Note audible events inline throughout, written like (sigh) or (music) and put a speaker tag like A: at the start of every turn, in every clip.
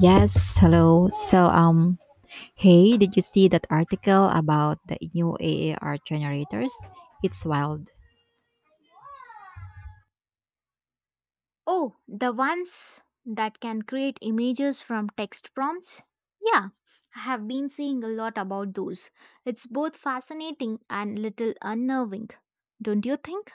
A: Yes, hello. Hey, did you see that article about the new AAR generators? It's wild.
B: Oh, the ones that can create images from text prompts? Yeah, I have been seeing a lot about those. It's both fascinating and little unnerving, don't you think?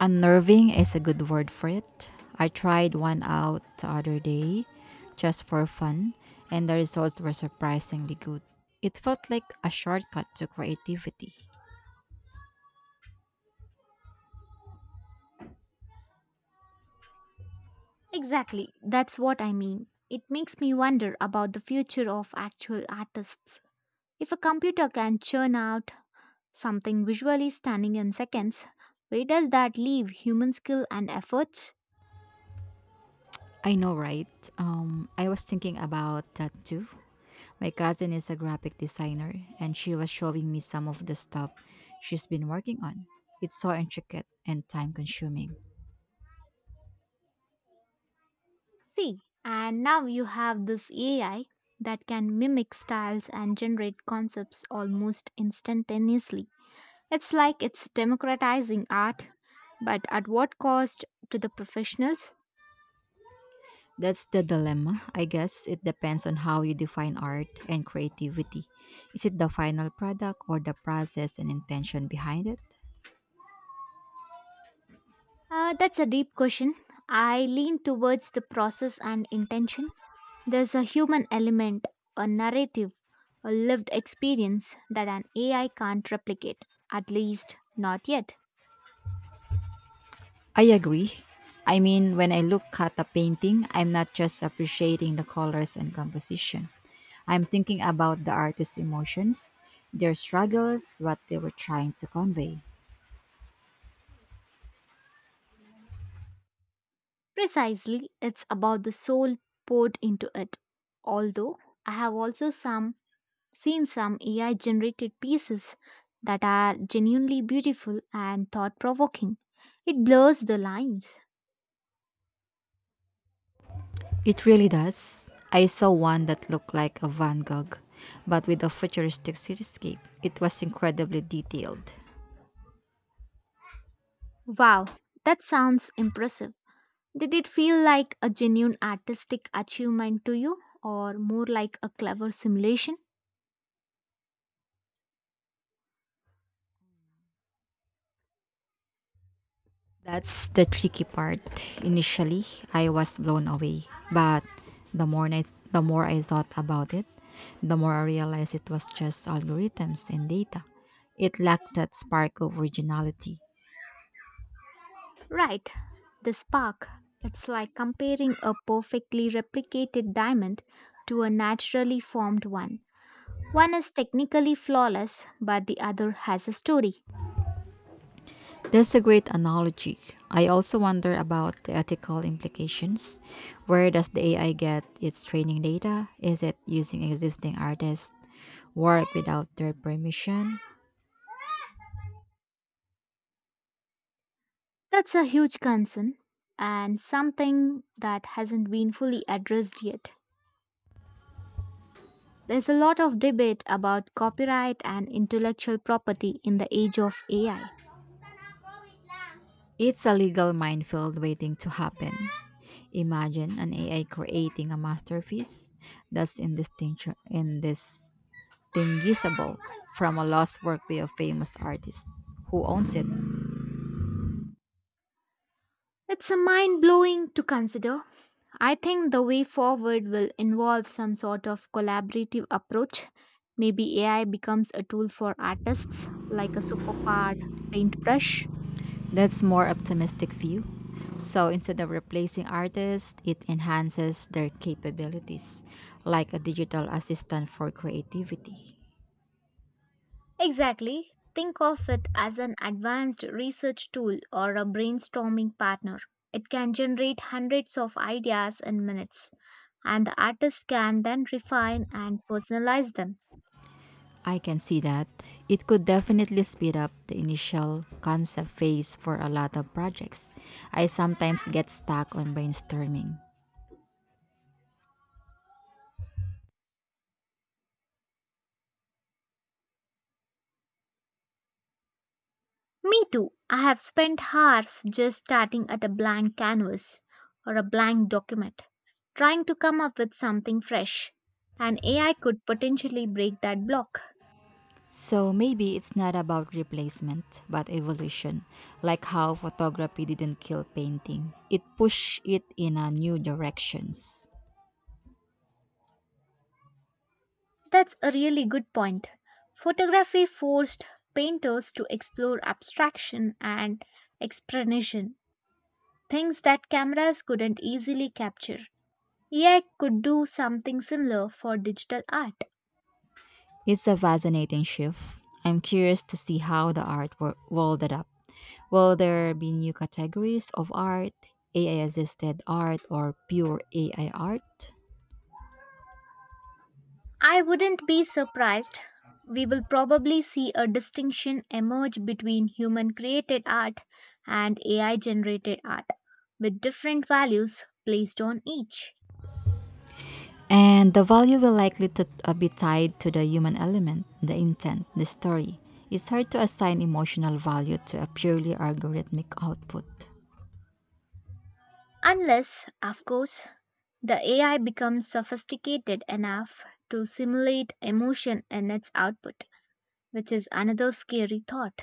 A: Unnerving is a good word for it. I tried one out the other day just for fun, and the results were surprisingly good. It felt like a shortcut to creativity.
B: Exactly, that's what I mean. It makes me wonder about the future of actual artists. If a computer can churn out something visually stunning in seconds. Where does that leave human skill and efforts?
A: I know, right? I was thinking about that too. My cousin is a graphic designer, and she was showing me some of the stuff she's been working on. It's so intricate and time consuming.
B: See, and now you have this AI that can mimic styles and generate concepts almost instantaneously. It's like it's democratizing art, but at what cost to the professionals?
A: That's the dilemma. I guess it depends on how you define art and creativity. Is it the final product or the process and intention behind it?
B: That's a deep question. I lean towards the process and intention. There's a human element, a narrative, a lived experience that an AI can't replicate, at least not yet.
A: I agree. I mean, when I look at a painting, I'm not just appreciating the colors and composition. I'm thinking about the artist's emotions, their struggles, what they were trying to convey.
B: Precisely, it's about the soul poured into it. Although I have also some seen some AI generated pieces that are genuinely beautiful and thought provoking. It blurs the lines.
A: It really does. I saw one that looked like a Van Gogh, but with a futuristic cityscape. It was incredibly detailed.
B: Wow, that sounds impressive. Did it feel like a genuine artistic achievement to you or more like a clever simulation?
A: That's the tricky part. Initially, I was blown away, but the more I, the more I thought about it, the more I realized it was just algorithms and data. It lacked that spark of originality.
B: Right, the spark. It's like comparing a perfectly replicated diamond to a naturally formed one. One is technically flawless, but the other has a story.
A: That's a great analogy. I also wonder about the ethical implications. Where does the AI get its training data? Is it using existing artists' work without their permission?
B: That's a huge concern and something that hasn't been fully addressed yet. There's a lot of debate about copyright and intellectual property in the age of AI.
A: It's a legal minefield waiting to happen. Imagine an AI creating a masterpiece that's indistinguishable from a lost work by a famous artist. Who owns it?
B: It's a mind blowing to consider. I think the way forward will involve some sort of collaborative approach. Maybe AI becomes a tool for artists, like a superpowered paintbrush.
A: That's more optimistic view. So instead of replacing artists, it enhances their capabilities, like a digital assistant for creativity.
B: Exactly. Think of it as an advanced research tool or a brainstorming partner. It can generate hundreds of ideas in minutes, and the artist can then refine and personalize them.
A: I can see that. It could definitely speed up the initial concept phase for a lot of projects. I sometimes get stuck on brainstorming.
B: Me too. I have spent hours just starting at a blank canvas or a blank document, trying to come up with something fresh. And AI could potentially break that block.
A: So maybe it's not about replacement, but evolution, like how photography didn't kill painting. It pushed it in a new directions.
B: That's a really good point. Photography forced painters to explore abstraction and expression, things that cameras couldn't easily capture. AI could do something similar for digital art.
A: It's a fascinating shift. I'm curious to see how the world adapt. Will there be new categories of art, AI assisted art, or pure AI art?
B: I wouldn't be surprised. We will probably see a distinction emerge between human created art and AI generated art, with different values placed on each.
A: And the value will likely to be tied to the human element, the intent, the story. It's hard to assign emotional value to a purely algorithmic output.
B: Unless, of course, the AI becomes sophisticated enough to simulate emotion in its output, which is another scary thought.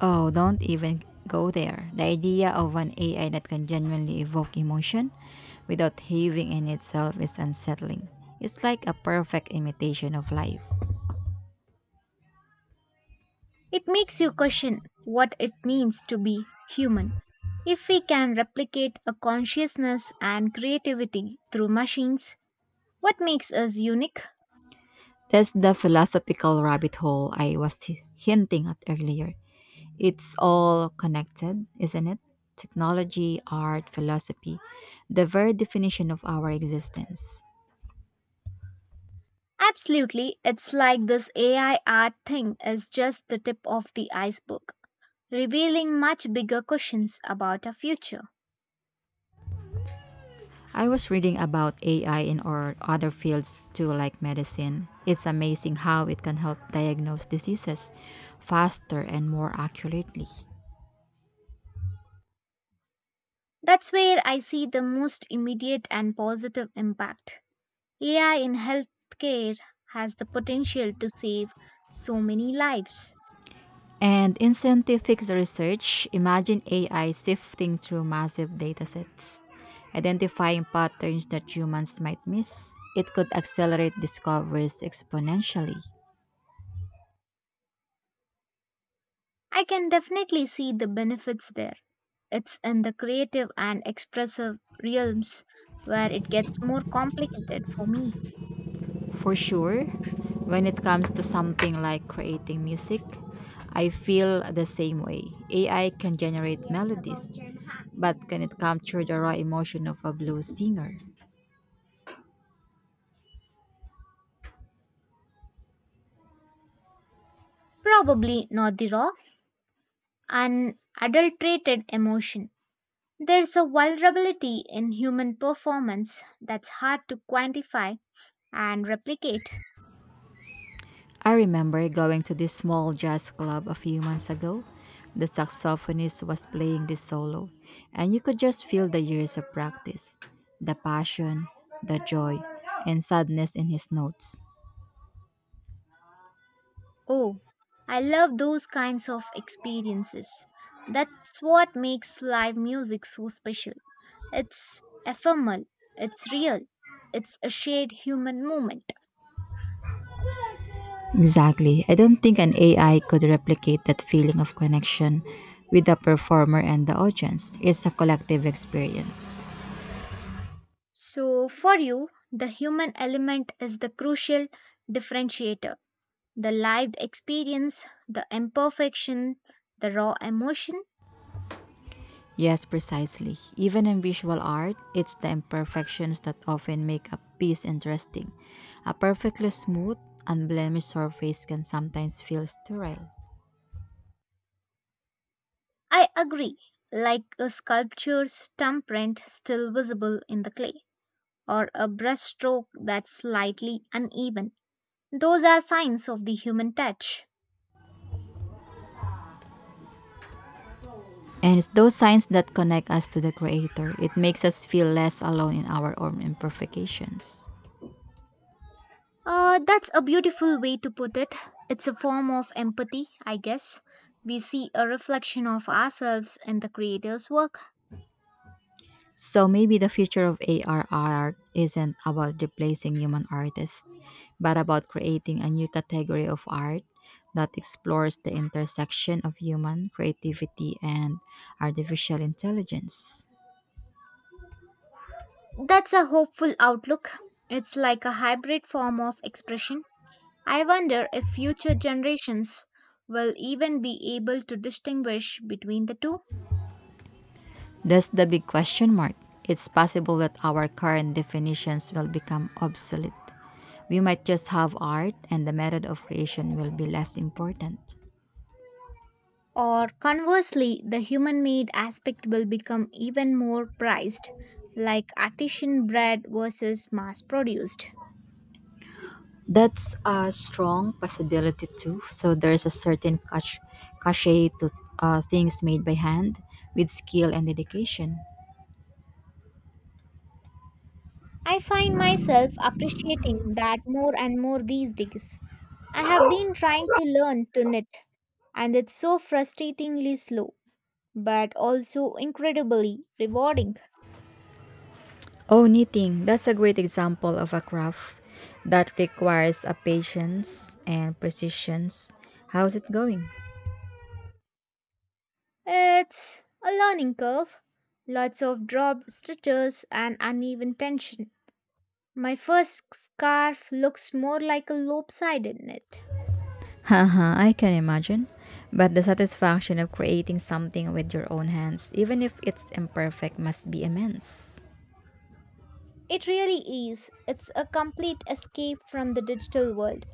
A: Oh, don't even go there. The idea of an AI that can genuinely evoke emotion without having in itself is unsettling. It's like a perfect imitation of life.
B: It makes you question what it means to be human. If we can replicate a consciousness and creativity through machines, what makes us unique?
A: That's the philosophical rabbit hole I was hinting at earlier. It's all connected, isn't it? Technology, art, philosophy, the very definition of our existence.
B: Absolutely, it's like this AI art thing is just the tip of the iceberg, revealing much bigger questions about our future.
A: I was reading about AI in or other fields too, like medicine. It's amazing how it can help diagnose diseases faster and more accurately.
B: That's where I see the most immediate and positive impact. AI in healthcare has the potential to save so many lives.
A: And in scientific research, imagine AI sifting through massive datasets, identifying patterns that humans might miss. It could accelerate discoveries exponentially.
B: I can definitely see the benefits there. It's in the creative and expressive realms where it gets more complicated for me.
A: For sure, when it comes to something like creating music, I feel the same way. AI can generate melodies, but can it capture the raw emotion of a blues singer?
B: Probably not the raw, unadulterated emotion. There's a vulnerability in human performance that's hard to quantify and replicate.
A: I remember going to this small jazz club a few months ago. The saxophonist was playing this solo, and you could just feel the years of practice, the passion, the joy, and sadness in his notes.
B: Oh, I love those kinds of experiences. That's what makes live music so special. It's ephemeral, it's real, it's a shared human moment.
A: Exactly. I don't think an AI could replicate that feeling of connection with the performer and the audience. It's a collective experience.
B: So, for you, the human element is the crucial differentiator. The lived experience, the imperfection, the raw emotion.
A: Yes, precisely. Even in visual art, it's the imperfections that often make a piece interesting. A perfectly smooth, unblemished surface can sometimes feel sterile.
B: I agree, like a sculpture's thumbprint still visible in the clay, or a brushstroke that's slightly uneven. Those are signs of the human touch.
A: And it's those signs that connect us to the creator. It makes us feel less alone in our own imperfections.
B: That's a beautiful way to put it. It's a form of empathy, I guess. We see a reflection of ourselves in the creator's work.
A: So maybe the future of AR art isn't about replacing human artists, but about creating a new category of art that explores the intersection of human creativity and artificial intelligence.
B: That's a hopeful outlook. It's like a hybrid form of expression. I wonder if future generations will even be able to distinguish between the two.
A: That's the big question mark. It's possible that our current definitions will become obsolete. We might just have art and the method of creation will be less important.
B: Or conversely, the human made aspect will become even more prized, like artisan bread versus mass produced.
A: That's a strong possibility too. So there's a certain cachet to things made by hand with skill and dedication.
B: I find myself appreciating that more and more these days. I have been trying to learn to knit, and it's so frustratingly slow, but also incredibly rewarding.
A: Oh, knitting. That's a great example of a craft that requires a patience and precision. How's it going?
B: It's a learning curve, lots of dropped stitches and uneven tension. My first scarf looks more like a lopsided knit.
A: Haha, (laughs) I can imagine. But the satisfaction of creating something with your own hands, even if it's imperfect, must be immense.
B: It really is. It's a complete escape from the digital world.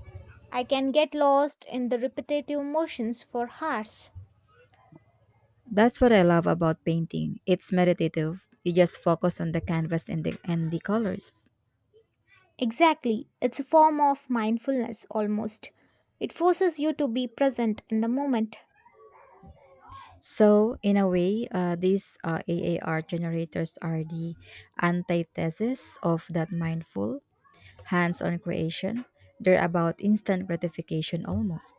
B: I can get lost in the repetitive motions for hours.
A: That's what I love about painting. It's meditative. You just focus on the canvas and the colors.
B: Exactly. It's a form of mindfulness almost. It forces you to be present in the moment.
A: So in a way, these AAR generators are the antithesis of that mindful, hands-on creation. They're about instant gratification almost,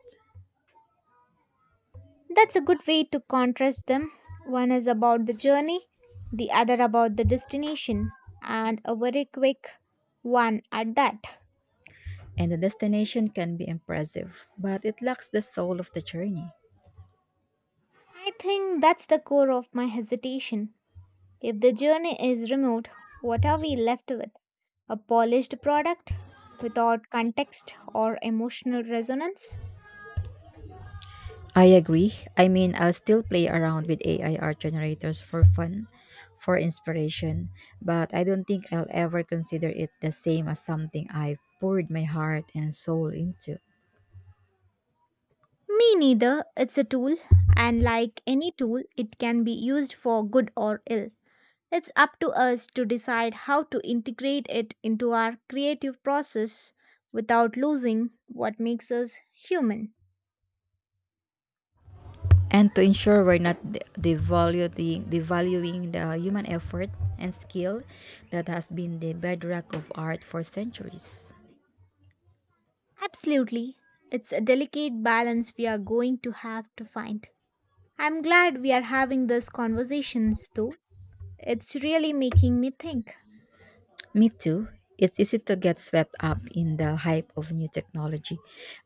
B: That's a good way to contrast them. One is about the journey, the other about the destination, and a very quick one at that.
A: and the destination can be impressive, but it lacks the soul of the journey.
B: I think that's the core of my hesitation. If the journey is removed, what are we left with? A polished product without context or emotional resonance?
A: I agree. I mean, I'll still play around with AI art generators for fun, for inspiration, but I don't think I'll ever consider it the same as something I poured my heart and soul into.
B: Me neither. It's a tool, and like any tool, it can be used for good or ill. It's up to us to decide how to integrate it into our creative process without losing what makes us human.
A: And to ensure we're not devaluing the human effort and skill that has been the bedrock of art for centuries.
B: Absolutely. It's a delicate balance we are going to have to find. I'm glad we are having these conversations though. It's really making me think.
A: Me too. It's easy to get swept up in the hype of new technology,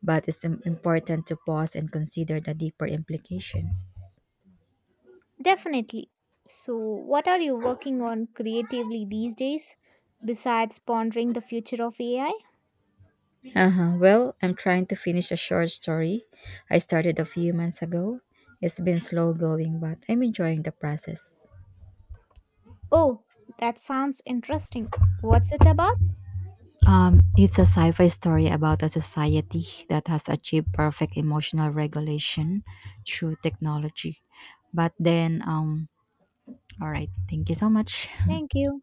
A: but it's important to pause and consider the deeper implications.
B: Definitely. So, what are you working on creatively these days besides pondering the future of AI?
A: Uh-huh. Well, I'm trying to finish a short story I started a few months ago. It's been slow going, but I'm enjoying the process.
B: Oh, that sounds interesting. What's it about?
A: It's a sci-fi story about a society that has achieved perfect emotional regulation through technology. But all right. Thank you so much.
B: Thank you.